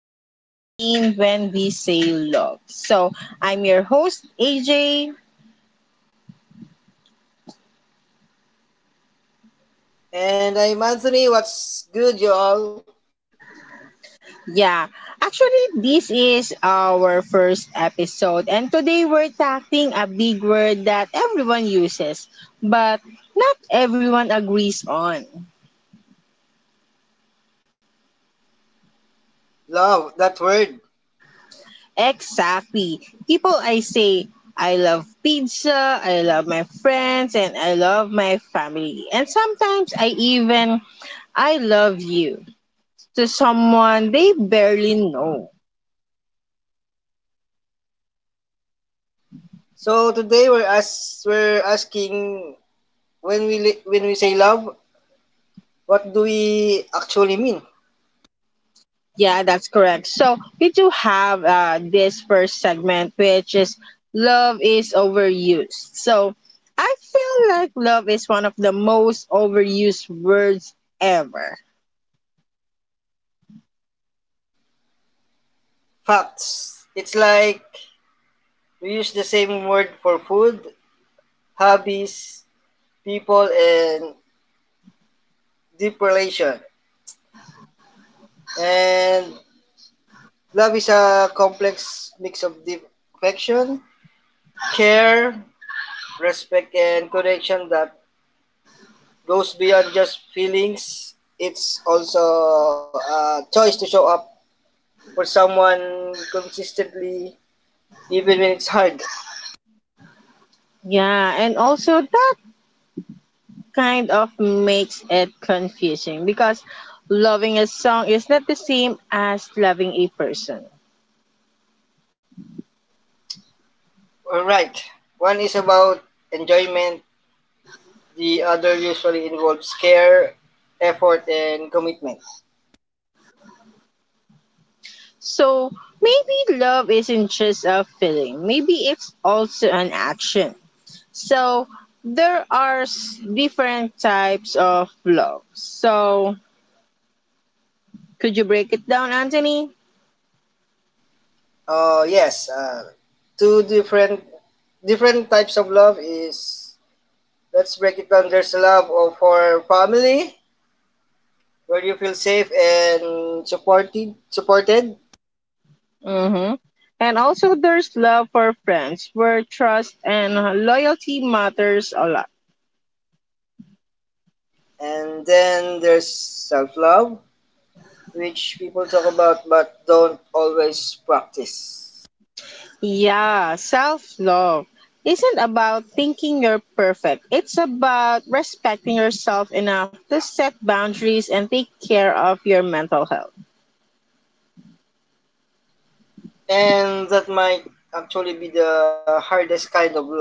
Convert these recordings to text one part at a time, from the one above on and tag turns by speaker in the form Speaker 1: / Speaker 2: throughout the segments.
Speaker 1: What We Mean When We Say Love. So, I'm your host, AJ.
Speaker 2: And I'm Anthony. What's good, you all?
Speaker 1: Yeah, actually, this is our first episode, and today we're tackling a big word that everyone uses, but not everyone agrees on.
Speaker 2: Love that word.
Speaker 1: Exactly. People I say, I love pizza, I love my friends, and I love my family. And sometimes I even I love you to someone they barely know.
Speaker 2: So today we're asking when we say love, what do we actually mean?
Speaker 1: Yeah, that's correct. So we do have this first segment, which is love is overused. So I feel like love is one of the most overused words ever.
Speaker 2: Facts. It's like we use the same word for food, hobbies, people, and deep relation. And love is a complex mix of deep affection, care, respect, and connection that goes beyond just feelings. It's also a choice to show up for someone consistently, even when it's hard.
Speaker 1: Yeah, and also that kind of makes it confusing because loving a song is not the same as loving a person.
Speaker 2: Alright, one is about enjoyment, the other usually involves care, effort, and commitment.
Speaker 1: So maybe love isn't just a feeling, maybe it's also an action. So there are different types of love. So could you break it down, Anthony?
Speaker 2: Yes, two different types of love is let's break it down, there's love for family where you feel safe and supported.
Speaker 1: Mm-hmm. And also there's love for friends where trust and loyalty matters a lot.
Speaker 2: And then there's self love, which people talk about but don't always practice.
Speaker 1: Yeah, self love isn't about thinking you're perfect. It's about respecting yourself enough to set boundaries and take care of your mental health.
Speaker 2: And that might actually be the hardest kind of love.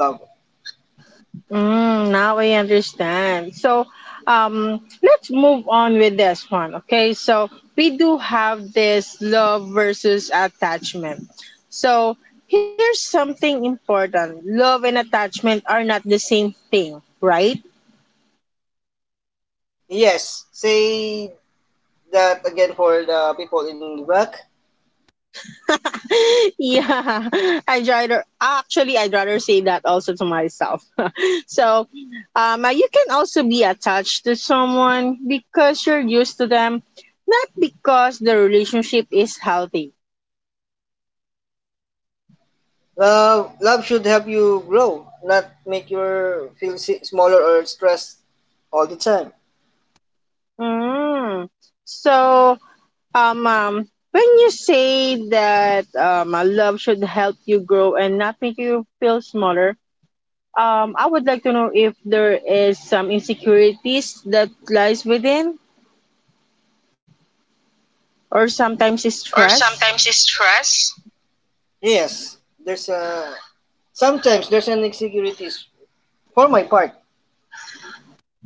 Speaker 1: Mm, now I understand. So, let's move on with this one. Okay, so we do have this love versus attachment. So, here's something important love and attachment are not the same thing, right?
Speaker 2: Yes, say that again for the people in the back.
Speaker 1: yeah, I'd rather say that also to myself. so, you can also be attached to someone because you're used to them, not because the relationship is healthy.
Speaker 2: Love should help you grow, not make you feel smaller or stressed all the time.
Speaker 1: Mm. So, when you say that love should help you grow and not make you feel smaller, I would like to know if there is some insecurities that lies within or sometimes it's
Speaker 2: Or
Speaker 1: stress.
Speaker 2: sometimes it's stress. Yes, there's a sometimes there's an insecurities for my part.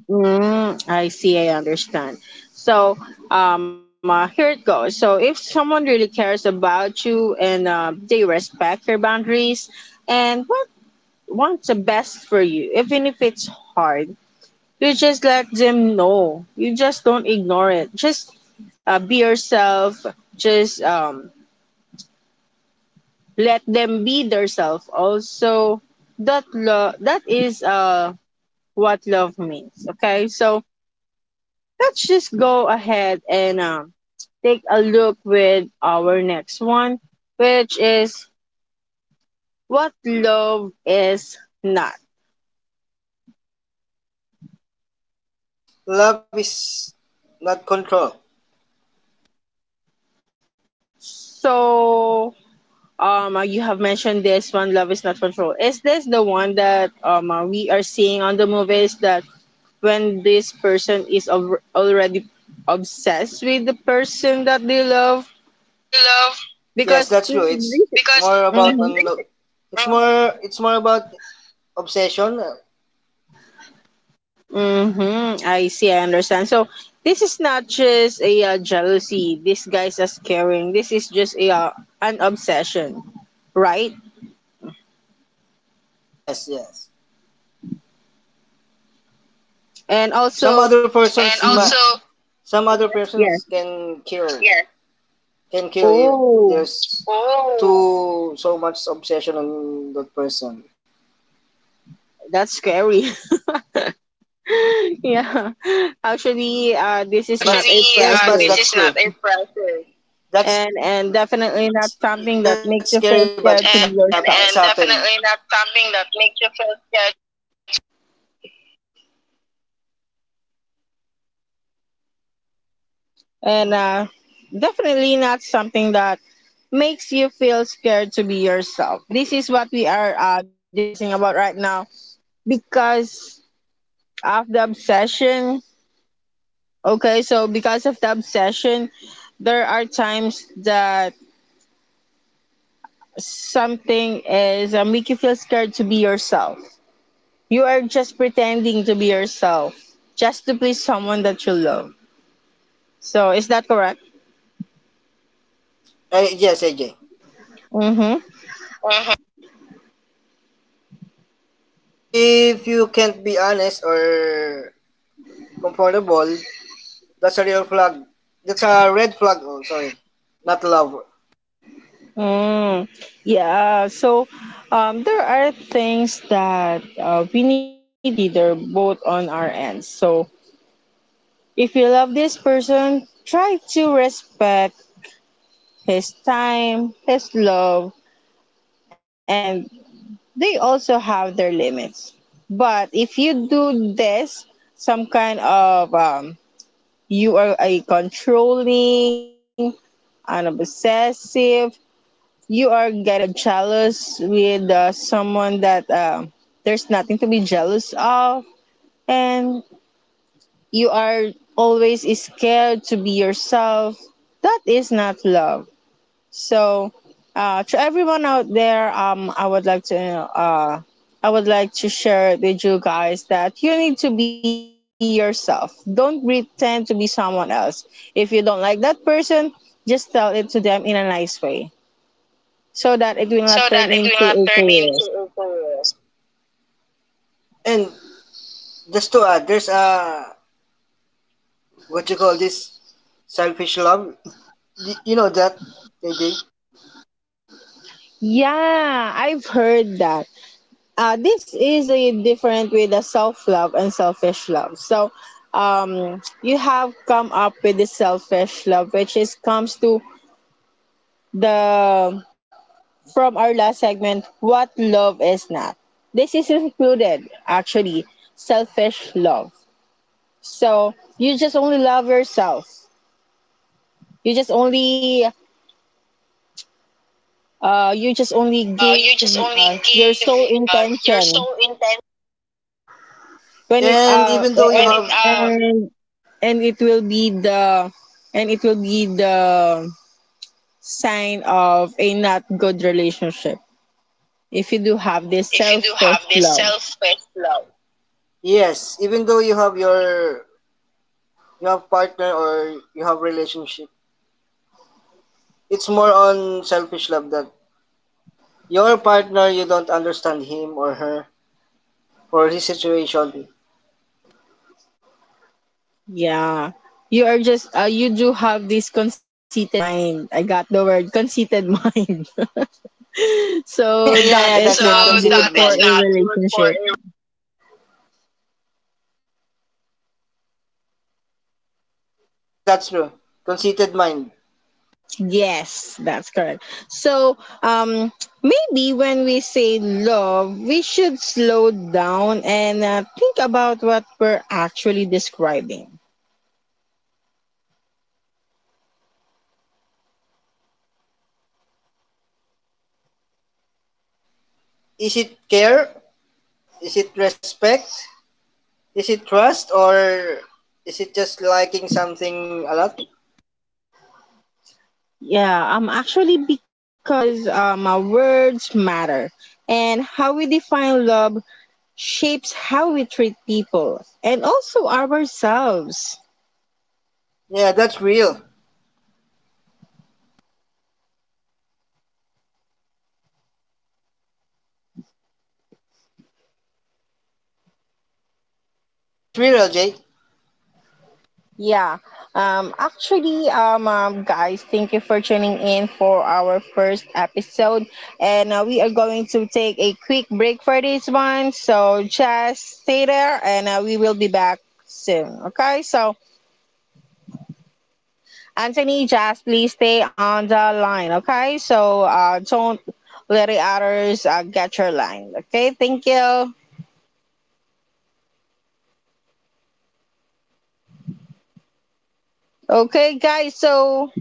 Speaker 1: Mm, I see, I understand. So here it goes. So if someone really cares about you and they respect your boundaries and what wants the best for you, even if it's hard, you just let them know. You just don't ignore it. Just be yourself. Just let them be themselves. Also, that is what love means. Okay, so let's just go ahead and take a look with our next one, which is what love is not.
Speaker 2: Love is not control.
Speaker 1: So, you have mentioned this one, love is not control. Is this the one that we are seeing on the movies that when this person is already obsessed with the person that they love
Speaker 2: Person that they love. Yes,
Speaker 1: because
Speaker 2: that's true. It's because more about
Speaker 1: Mhm.
Speaker 2: it's more about obsession.
Speaker 1: Mm-hmm. I see. I understand. So this is not just a jealousy disguised as caring. This is just a an obsession, right?
Speaker 2: Yes, yes.
Speaker 1: And
Speaker 2: Some
Speaker 1: also,
Speaker 2: other persons and
Speaker 1: Mhm.
Speaker 2: some other
Speaker 1: yeah.
Speaker 2: persons can kill, yeah, can kill if
Speaker 1: Oh,
Speaker 2: there's too so much obsession on that person.
Speaker 1: that's scary. yeah. Actually, this
Speaker 2: Yes,
Speaker 1: is
Speaker 2: actually but
Speaker 1: not a
Speaker 2: yes, but this
Speaker 1: pressure,
Speaker 2: that's is true. Not a process
Speaker 1: and
Speaker 2: That's
Speaker 1: definitely not something that makes you feel
Speaker 2: that's
Speaker 1: scared
Speaker 2: scary,
Speaker 1: to be
Speaker 2: but it's, and and
Speaker 1: yourself.
Speaker 2: it's happening. And definitely not something that makes you feel judged. And it's true, but sometimes it's happened. It's truly happened.
Speaker 1: And definitely not something that makes you feel scared to be yourself. This is what we are discussing about right now because of the obsession. Okay, so because of the obsession, there are times that something is make you feel scared to be yourself. You are just pretending to be yourself just to please someone that you love. So is that correct?
Speaker 2: Ay, yes, AJ.
Speaker 1: Mm-hmm.
Speaker 2: If you can't be honest or comfortable, that's a real flag. That's a red flag. Oh, sorry. Not love.
Speaker 1: Mm, yeah, so there are things that we need to consider both on our ends. So if you love this person, try to respect his time, his love, and they also have their limits. But if you do this, some kind of you are a controlling, an obsessive, you are getting jealous with someone that there's nothing to be jealous of, and you are always scared to be yourself. That is not love. So, to everyone out there, I would like to, I would like to share with you guys that you need to be yourself. Don't pretend to be someone else. If you don't like that person, just tell it to them in a nice way so that it will not
Speaker 2: So
Speaker 1: turn
Speaker 2: that it will
Speaker 1: into a
Speaker 2: not turn
Speaker 1: career.
Speaker 2: into a chaos. And just to add, there's a, what you call this, selfish love. You know that, AJ?
Speaker 1: Yeah, I've heard that. This is the different with the self love and selfish love. So, you have come up with the selfish love, which is comes to the from our last segment. What love is not. This is included actually. Selfish love. So you just only love yourself. You just only you just only give
Speaker 2: You just only
Speaker 1: your
Speaker 2: give
Speaker 1: sole
Speaker 2: your
Speaker 1: intention
Speaker 2: so intent.
Speaker 1: when it
Speaker 2: And even though you when have it,
Speaker 1: and and it will be the sign of a not good relationship if you do have this
Speaker 2: if you do
Speaker 1: selfish
Speaker 2: have this
Speaker 1: love
Speaker 2: selfless love. Yes, even though you have your, you have partner or you have relationship, it's more on selfish love that your partner you don't understand him or her for his situation.
Speaker 1: yeah you are just you do have this conceited mind I got the word conceited mind
Speaker 2: Yeah,
Speaker 1: so that
Speaker 2: yeah,
Speaker 1: is
Speaker 2: that's so it.
Speaker 1: not
Speaker 2: Conceited that
Speaker 1: good
Speaker 2: conceited
Speaker 1: for
Speaker 2: is
Speaker 1: a
Speaker 2: not good for
Speaker 1: relationship.
Speaker 2: a. Yes, that's true. Conceited mind.
Speaker 1: Yes, that's correct. So, maybe when we say love, we should slow down and think about what we're actually describing.
Speaker 2: Is it care? Is it respect? Is it trust? Or is it just liking something a lot?
Speaker 1: Yeah, actually, because our words matter, and how we define love shapes how we treat people and also ourselves.
Speaker 2: Yeah, that's real. That's me, Ajay.
Speaker 1: Yeah. Actually guys, thank you for tuning in for our first episode and we are going to take a quick break for this one. So just stay there and we will be back soon. Okay? So Anthony, just please stay on the line, okay? So don't let the others get your line. Okay? Thank you. Okay, guys. So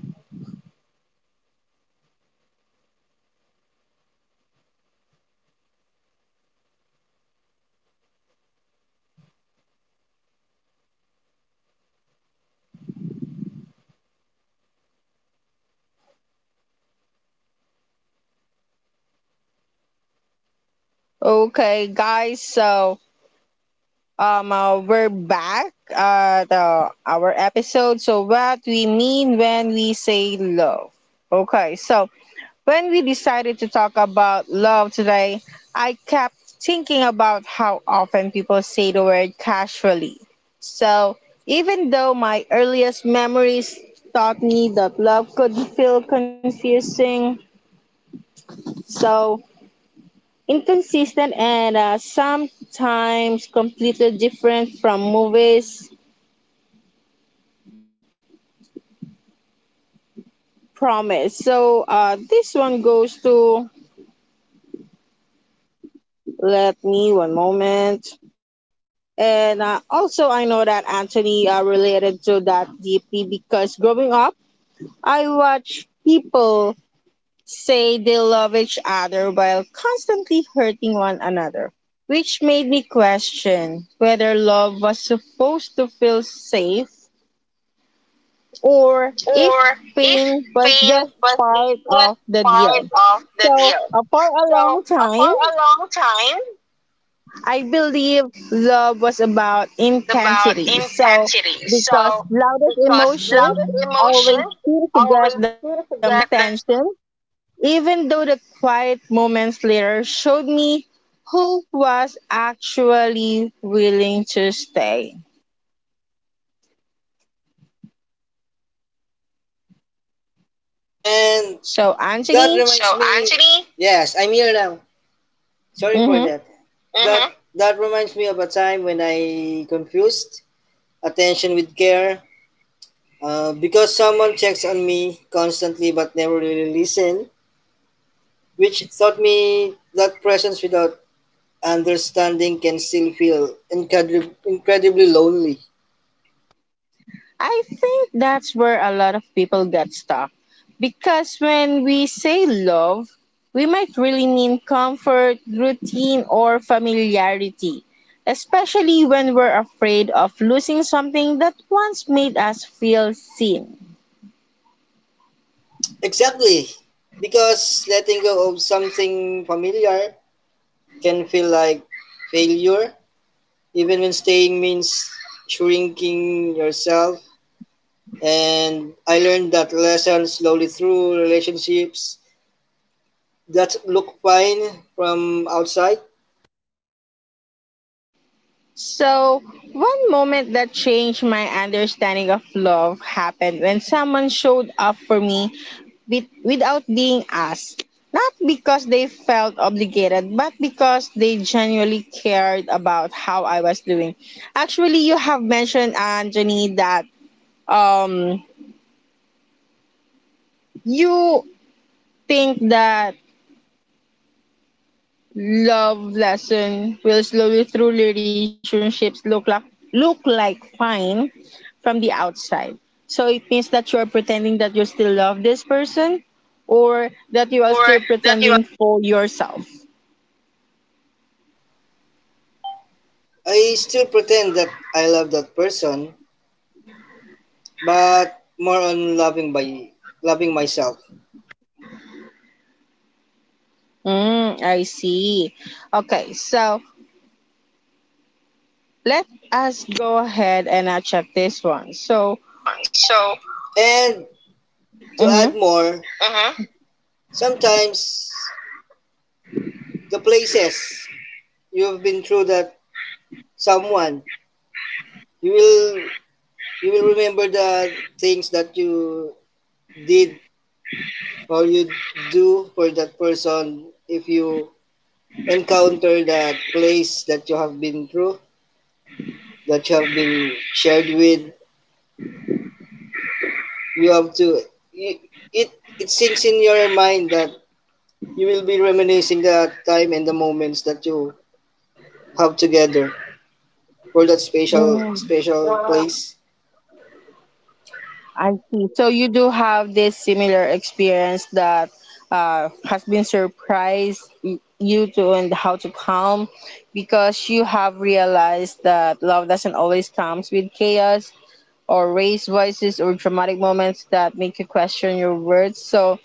Speaker 1: okay, guys. So we're back at our episode. So, what we mean when we say love. Okay, so when we decided to talk about love today, I kept thinking about how often people say the word casually. So, even though my earliest memories taught me that love could feel confusing, so inconsistent and sometimes completely different from movies Promise. So this one goes to let me one moment. And also, I know that Anthony related to that deeply because growing up, I watched people say they love each other while constantly hurting one another, which made me question whether love was supposed to feel safe or if pain was just
Speaker 2: Pain was
Speaker 1: part
Speaker 2: just
Speaker 1: of the deal.
Speaker 2: part of the
Speaker 1: So,
Speaker 2: deal.
Speaker 1: for a
Speaker 2: So
Speaker 1: long
Speaker 2: for
Speaker 1: time,
Speaker 2: a long time, it
Speaker 1: I believe love was about
Speaker 2: about
Speaker 1: intensity. So,
Speaker 2: intensity.
Speaker 1: because
Speaker 2: So
Speaker 1: loudest
Speaker 2: because
Speaker 1: emotions
Speaker 2: loudest
Speaker 1: always
Speaker 2: emotions
Speaker 1: seem to
Speaker 2: always
Speaker 1: get the
Speaker 2: seem
Speaker 1: most
Speaker 2: to get the.
Speaker 1: attention, even though the quiet moments later showed me who was actually willing to stay.
Speaker 2: And
Speaker 1: So,
Speaker 2: that
Speaker 1: Anthony,
Speaker 2: reminds so me. Anthony. Yes, I'm here now. Sorry for
Speaker 1: mhm.
Speaker 2: that. Mm-hmm. That Mm-hmm. That reminds me of a time when I confused attention with care. Because someone checks on me constantly but never really listen, which taught me that presence without understanding can still feel incredibly lonely.
Speaker 1: I think that's where a lot of people get stuck. Because when we say love, we might really mean comfort, routine, or familiarity, especially when we're afraid of losing something that once made us feel seen.
Speaker 2: Exactly, because letting go of something familiar can feel like failure, even when staying means shrinking yourself. And I learned that lesson slowly through relationships that look fine from outside.
Speaker 1: So, one moment that changed my understanding of love happened when someone showed up for me with, without being asked. Not because they felt obligated, but because they genuinely cared about how I was doing. Actually, you have mentioned, Anthony, that um, you think that love lesson will slowly through relationships look like fine from the outside. So it means that you're pretending that you still love this person or that you are still
Speaker 2: Or that you
Speaker 1: pretending for yourself.
Speaker 2: I still pretend that I love that person, but more on loving by loving myself.
Speaker 1: Mm, I see. Okay, so let us go ahead and I check this one. So,
Speaker 2: This one. So, and to add
Speaker 1: mm-hmm.
Speaker 2: more, mhm. Sometimes the places you've been through that someone you will you will remember the things that you did or you do for that person if you encounter that place that you have been through, that you have been shared with, you have to it it, it sinks in your mind that you will be reminiscing the time and the moments that you have together for that special
Speaker 1: Mm,
Speaker 2: special place.
Speaker 1: I see. So you do have this similar experience that has been surprised you to and how to calm because you have realized that love doesn't always comes with chaos or raised voices or dramatic moments that make you question your words. So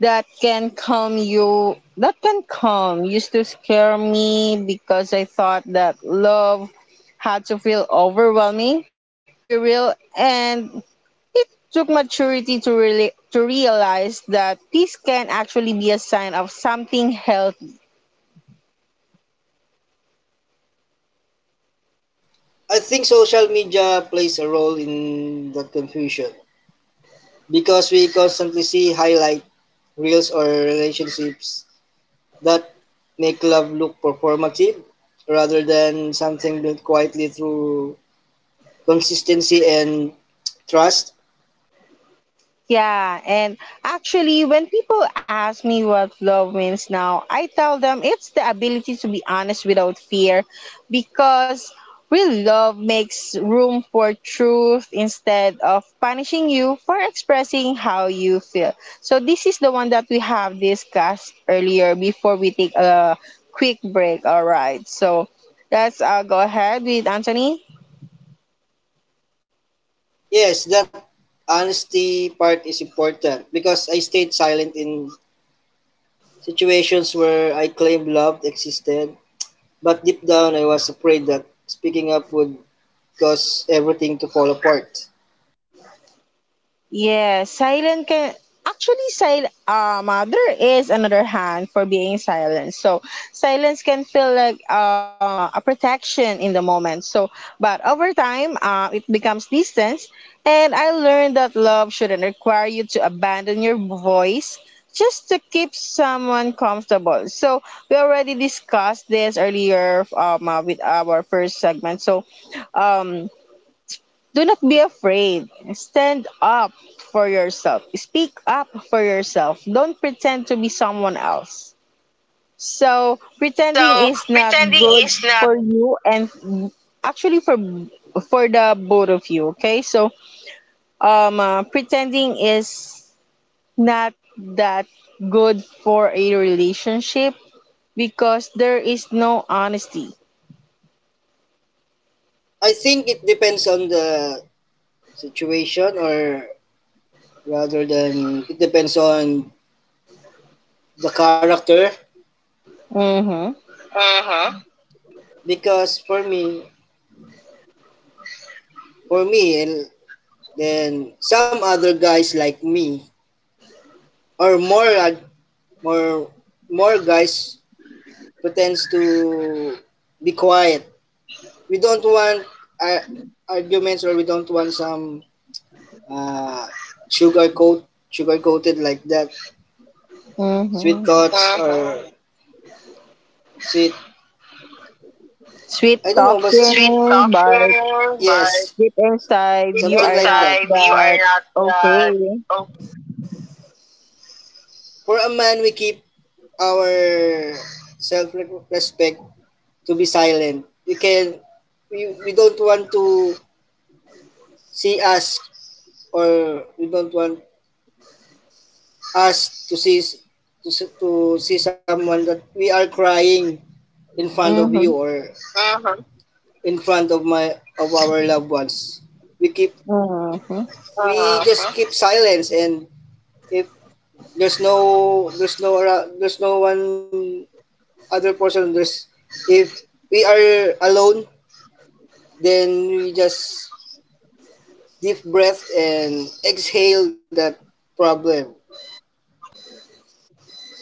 Speaker 1: that can calm used to scare me because I thought that love had to feel overwhelming to be real and it took maturity to really to realize that peace can actually be a sign of something healthy.
Speaker 2: I think social media plays a role in the confusion because we constantly see highlight reels or relationships that make love look performative rather than something built quietly through consistency and trust.
Speaker 1: Yeah, and actually, when people ask me what love means now, I tell them it's the ability to be honest without fear because real love makes room for truth instead of punishing you for expressing how you feel. So, this is the one that we have discussed earlier before we take a quick break. All right, so let's go ahead with Anthony.
Speaker 2: Yes, that honesty part is important because I stayed silent in situations where I claimed love existed. But deep down, I was afraid that speaking up would cause everything to fall apart.
Speaker 1: Yes, silent can actually sil there is another hand for being silent. So silence can feel like a protection in the moment. So but over time, it becomes distance. And I learned that love shouldn't require you to abandon your voice just to keep someone comfortable. So we already discussed this earlier with our first segment. So um do not be afraid. Stand up for yourself. Speak up for yourself. Don't pretend to be someone else. So, pretending
Speaker 2: So,
Speaker 1: is not
Speaker 2: pretending
Speaker 1: good
Speaker 2: is not.
Speaker 1: for you and actually for the both of you, okay? So, pretending is not that good for a relationship because there is no honesty.
Speaker 2: I think it depends on the situation, or rather than it depends on the character.
Speaker 1: Mhm.
Speaker 2: Uh-huh. Because for me, and then some other guys like me, or more, more guys pretends to be quiet, we don't want uh, arguments or we don't want some uh, sugar coat sugar coated like that sweet
Speaker 1: Mhm.
Speaker 2: thoughts mm-hmm or sweet.
Speaker 1: Sweet
Speaker 2: I don't know but sweet
Speaker 1: talking,
Speaker 2: talking.
Speaker 1: but
Speaker 2: Yes,
Speaker 1: deep
Speaker 2: but
Speaker 1: inside
Speaker 2: deep
Speaker 1: you
Speaker 2: something inside,
Speaker 1: are
Speaker 2: like
Speaker 1: not
Speaker 2: that. Inside, you are
Speaker 1: that
Speaker 2: not
Speaker 1: okay.
Speaker 2: that. Oh, for a man we keep our self respect to be silent we can we don't want to see us or we don't want us to see to, to see someone that we are crying in front of you
Speaker 1: Mm-hmm.
Speaker 2: or uh-huh, in front of my of our loved ones. We keep
Speaker 1: Mm-hmm.
Speaker 2: we just keep silence and if there's no there's no one other person there's if we are alone then we just deep breath and exhale that problem.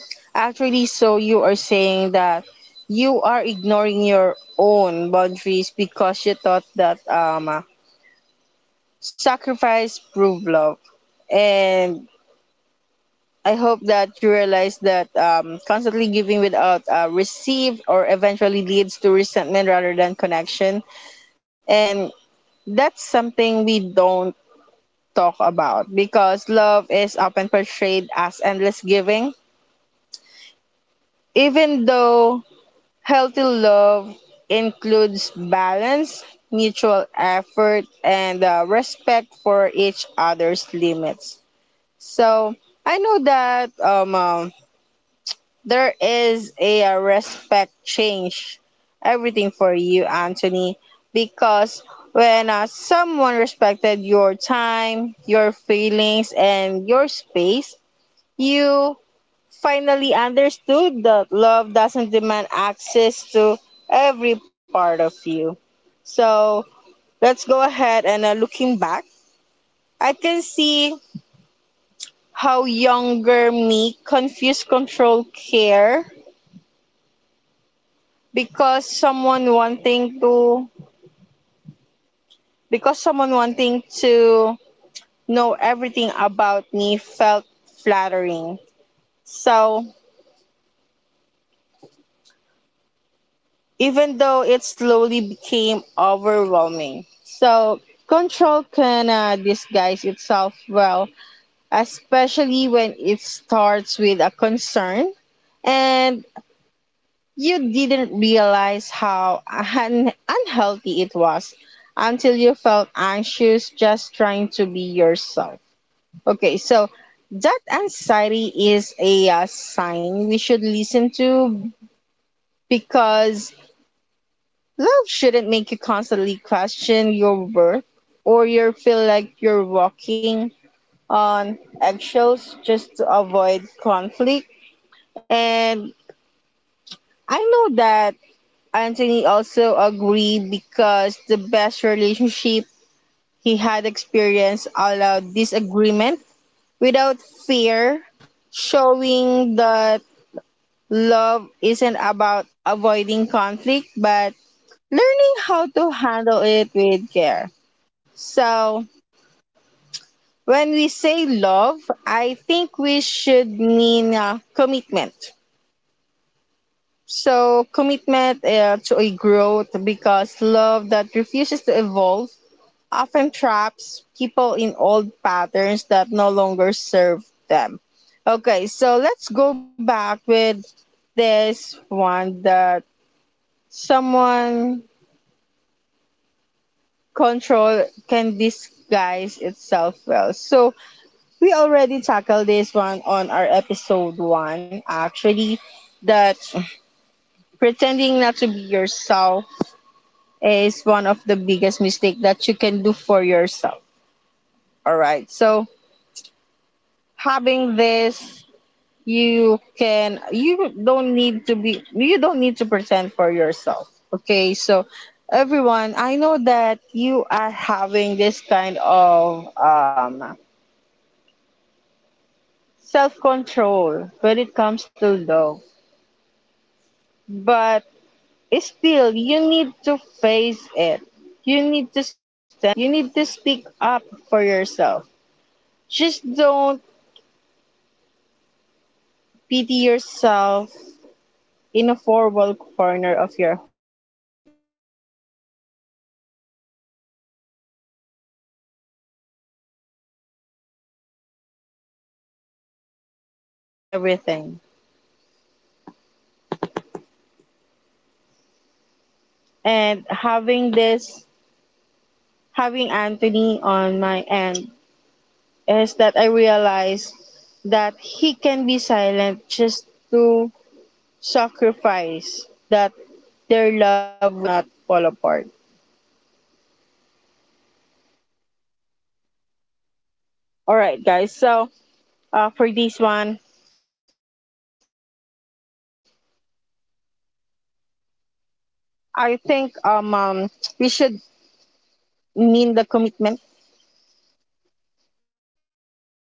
Speaker 1: Actually, so you are saying that you are ignoring your own boundaries because you thought that sacrifice prove love, and I hope that you realize that constantly giving without receive or eventually leads to resentment rather than connection, and that's something we don't talk about because love is often portrayed as endless giving, even though healthy love includes balance, mutual effort, and respect for each other's limits. So I know that there is a, respect change everything for you, Anthony, because when someone respected your time, your feelings, and your space, you finally understood that love doesn't demand access to every part of you. So let's go ahead, and looking back, I can see how younger me confused control care because someone wanting to because someone wanting to know everything about me felt flattering. So even though it slowly became overwhelming. So, control can disguise itself well, especially when it starts with a concern, and you didn't realize how unhealthy it was until you felt anxious just trying to be yourself. Okay, so that anxiety is a sign we should listen to, because love shouldn't make you constantly question your worth or you feel like you're walking on eggshells just to avoid conflict. And I know that Anthony also agreed, because the best relationship he had experienced allowed disagreement without fear, showing that love isn't about avoiding conflict but learning how to handle it with care. So, when we say love, I think we should mean commitment. So, commitment to a growth, because love that refuses to evolve often traps people in old patterns that no longer serve them. Okay, so let's go back with this one that someone control can disguise itself well. So, we already tackled this one on our episode one, actually, that pretending not to be yourself is one of the biggest mistake that you can do for yourself. All right. So having this, you don't need to be, you don't need to pretend for yourself. Okay. So everyone, I know that you are having this kind of self control when it comes to love, but still, you need to face it. You need to stand up. You need to speak up for yourself. Just don't pity yourself in a four wall corner of your home. Having this discussion, I realized that love for me is everything. And having this, having Anthony on my end, is that I realized that he can be silent just to sacrifice that their love would not fall apart. All right, guys. So for this one, I think we should mean the commitment. All right,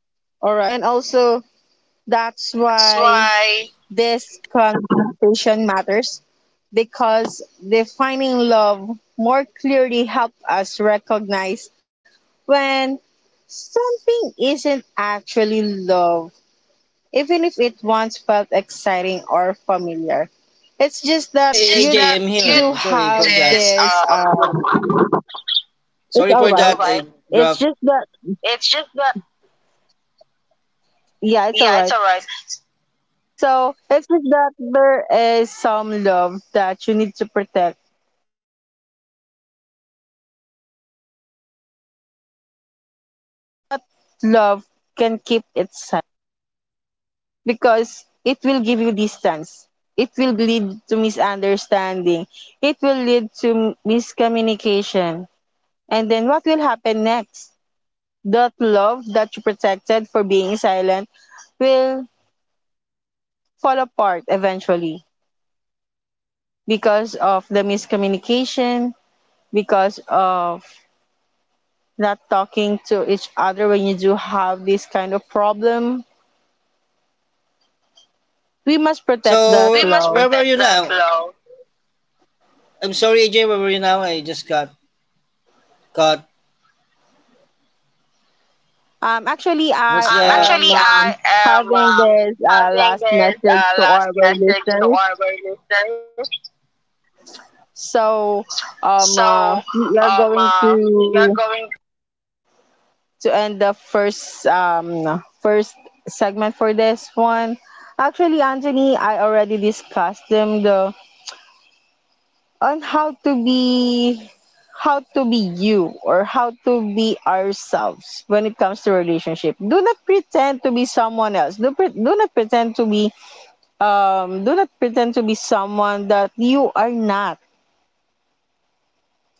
Speaker 1: and also that's why this conversation matters, because defining love more clearly help us recognize when something isn't actually love even if it once felt exciting or familiar. It's just that
Speaker 2: It's Hey,
Speaker 1: you
Speaker 2: just
Speaker 1: do
Speaker 2: AJ, that I'm
Speaker 1: have
Speaker 2: here. You sorry for
Speaker 1: this
Speaker 2: that. Just,
Speaker 1: it's
Speaker 2: sorry
Speaker 1: all
Speaker 2: for it's
Speaker 1: right.
Speaker 2: that. Alright. I alright.
Speaker 1: It's
Speaker 2: Dropped.
Speaker 1: just that
Speaker 2: It's just that,
Speaker 1: yeah, it's all
Speaker 2: yeah, it's
Speaker 1: right.
Speaker 2: alright.
Speaker 1: So it's just that there is some love that you need to protect for being silent. But not love can keep it silent, because it will give you distance. It will lead to misunderstanding. It will lead to miscommunication. And then what will happen next? That love that you protected for being silent will fall apart eventually because of the miscommunication, because of not talking to each other when you do have this kind of problem. We must protect
Speaker 2: So
Speaker 1: that
Speaker 2: we must where
Speaker 1: love.
Speaker 2: were protect you the now? Flow. I'm sorry, AJ. Where were you now? I just got caught.
Speaker 1: Actually, I
Speaker 2: What's the?
Speaker 1: am
Speaker 2: Actually, I am
Speaker 1: having this
Speaker 2: having
Speaker 1: last
Speaker 2: this
Speaker 1: message to our
Speaker 2: last message to
Speaker 1: listeners.
Speaker 2: our listeners.
Speaker 1: So,
Speaker 2: So,
Speaker 1: we are going
Speaker 2: we are going.
Speaker 1: to end the first segment for this one. Actually, Anthony, I already discussed them the on how to be you or how to be ourselves when it comes to relationship. Do not pretend to be someone else. Do not pretend to be do not pretend to be someone that you are not.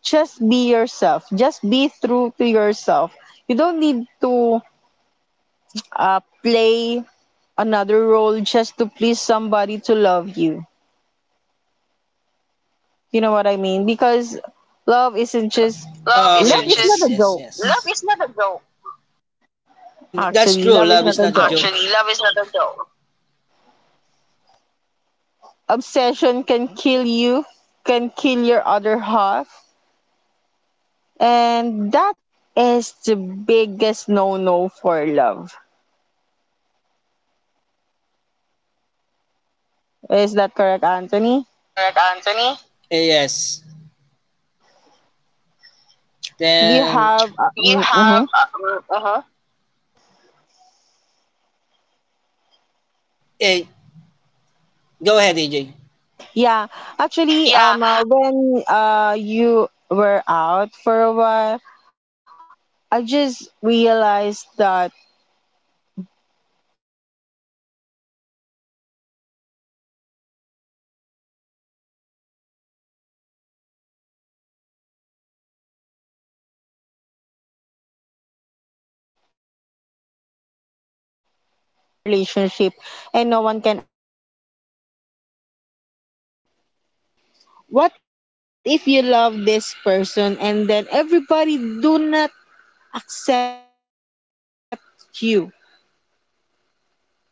Speaker 1: Just be yourself. Just be true to yourself. You don't need to play another role just to please somebody to love you. You know what I mean? Because love isn't
Speaker 2: This love
Speaker 1: just
Speaker 2: oh, okay, isn't
Speaker 1: love
Speaker 2: okay. Yes,
Speaker 1: is
Speaker 2: just
Speaker 1: not a
Speaker 2: yes,
Speaker 1: joke.
Speaker 2: yes. love yes. is not a joke. And that's
Speaker 1: Actually,
Speaker 2: true.
Speaker 1: love is
Speaker 2: Love
Speaker 1: not
Speaker 2: is
Speaker 1: a
Speaker 2: not a joke.
Speaker 1: joke.
Speaker 2: Actually, love is not a joke.
Speaker 1: Obsession can kill you, can kill your other half, and that is the biggest no-no for love. Is that correct, Anthony?
Speaker 2: That correct, Anthony? Yes.
Speaker 1: You have
Speaker 2: Then, you
Speaker 1: mhm.
Speaker 2: have. Uh, Hey, go ahead, AJ.
Speaker 1: Yeah. Actually,
Speaker 2: Yeah.
Speaker 1: when you were out for a while, I just realized that it's hard to be yourself when you're in a relationship and no one can accept you. Actually, is that is a big word for everyone. What if you love this person and then everybody do not accept you? Is it the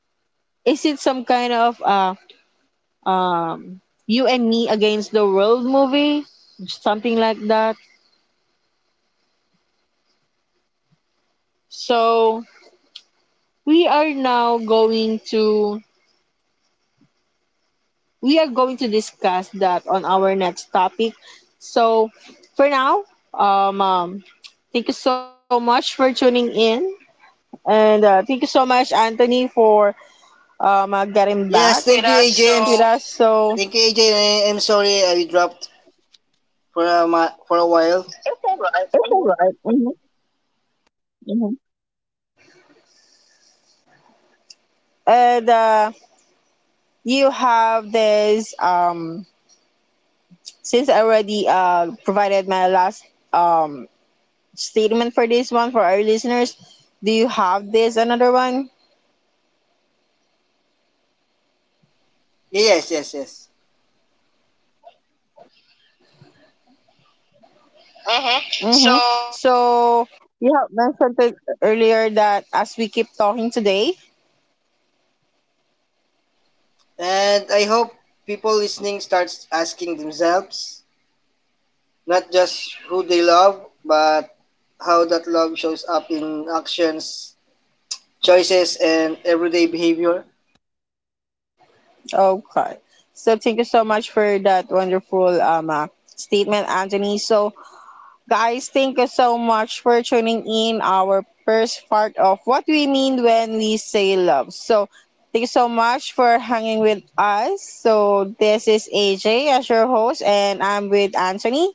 Speaker 1: is it some kind of um you and me against the world movie? Something like that. So we are now going to we are going to discuss that on our next topic. So, for now, um, um, thank you so much for tuning in, and thank you so much, Anthony, for getting back
Speaker 2: Yes, thank without
Speaker 1: with
Speaker 2: you,
Speaker 1: us.
Speaker 2: without AJ. I
Speaker 1: So,
Speaker 2: thank you, AJ. Am sorry I dropped for for a while. It's alright.
Speaker 1: it's all
Speaker 2: Mm-hmm.
Speaker 1: right. Mhm, mhm. And you have this since I already provided my last um, statement for this one for our listeners. Do you have this another one?
Speaker 2: Yes, yes, yes. Mhm.
Speaker 1: Mm-hmm.
Speaker 2: So,
Speaker 1: So you have mentioned it earlier that as we keep talking today,
Speaker 2: and I hope people listening starts asking themselves not just who they love, but how that love shows up in actions, choices, and everyday behavior.
Speaker 1: okay. So thank you so much for that wonderful statement, Anthony. So guys, thank you so much for tuning in our first part of what we mean when we say love. So thank you so much for hanging with us. So this is AJ as your host, and I'm with Anthony.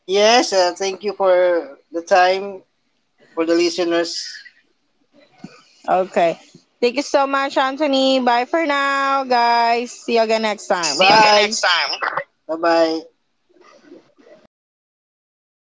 Speaker 2: Yes, thank you for the time for the listeners.
Speaker 1: Okay. Thank you so much, Anthony. Bye for now, guys. See you again next
Speaker 2: Guys. See
Speaker 1: time.
Speaker 2: you bye. Next time. Bye-bye.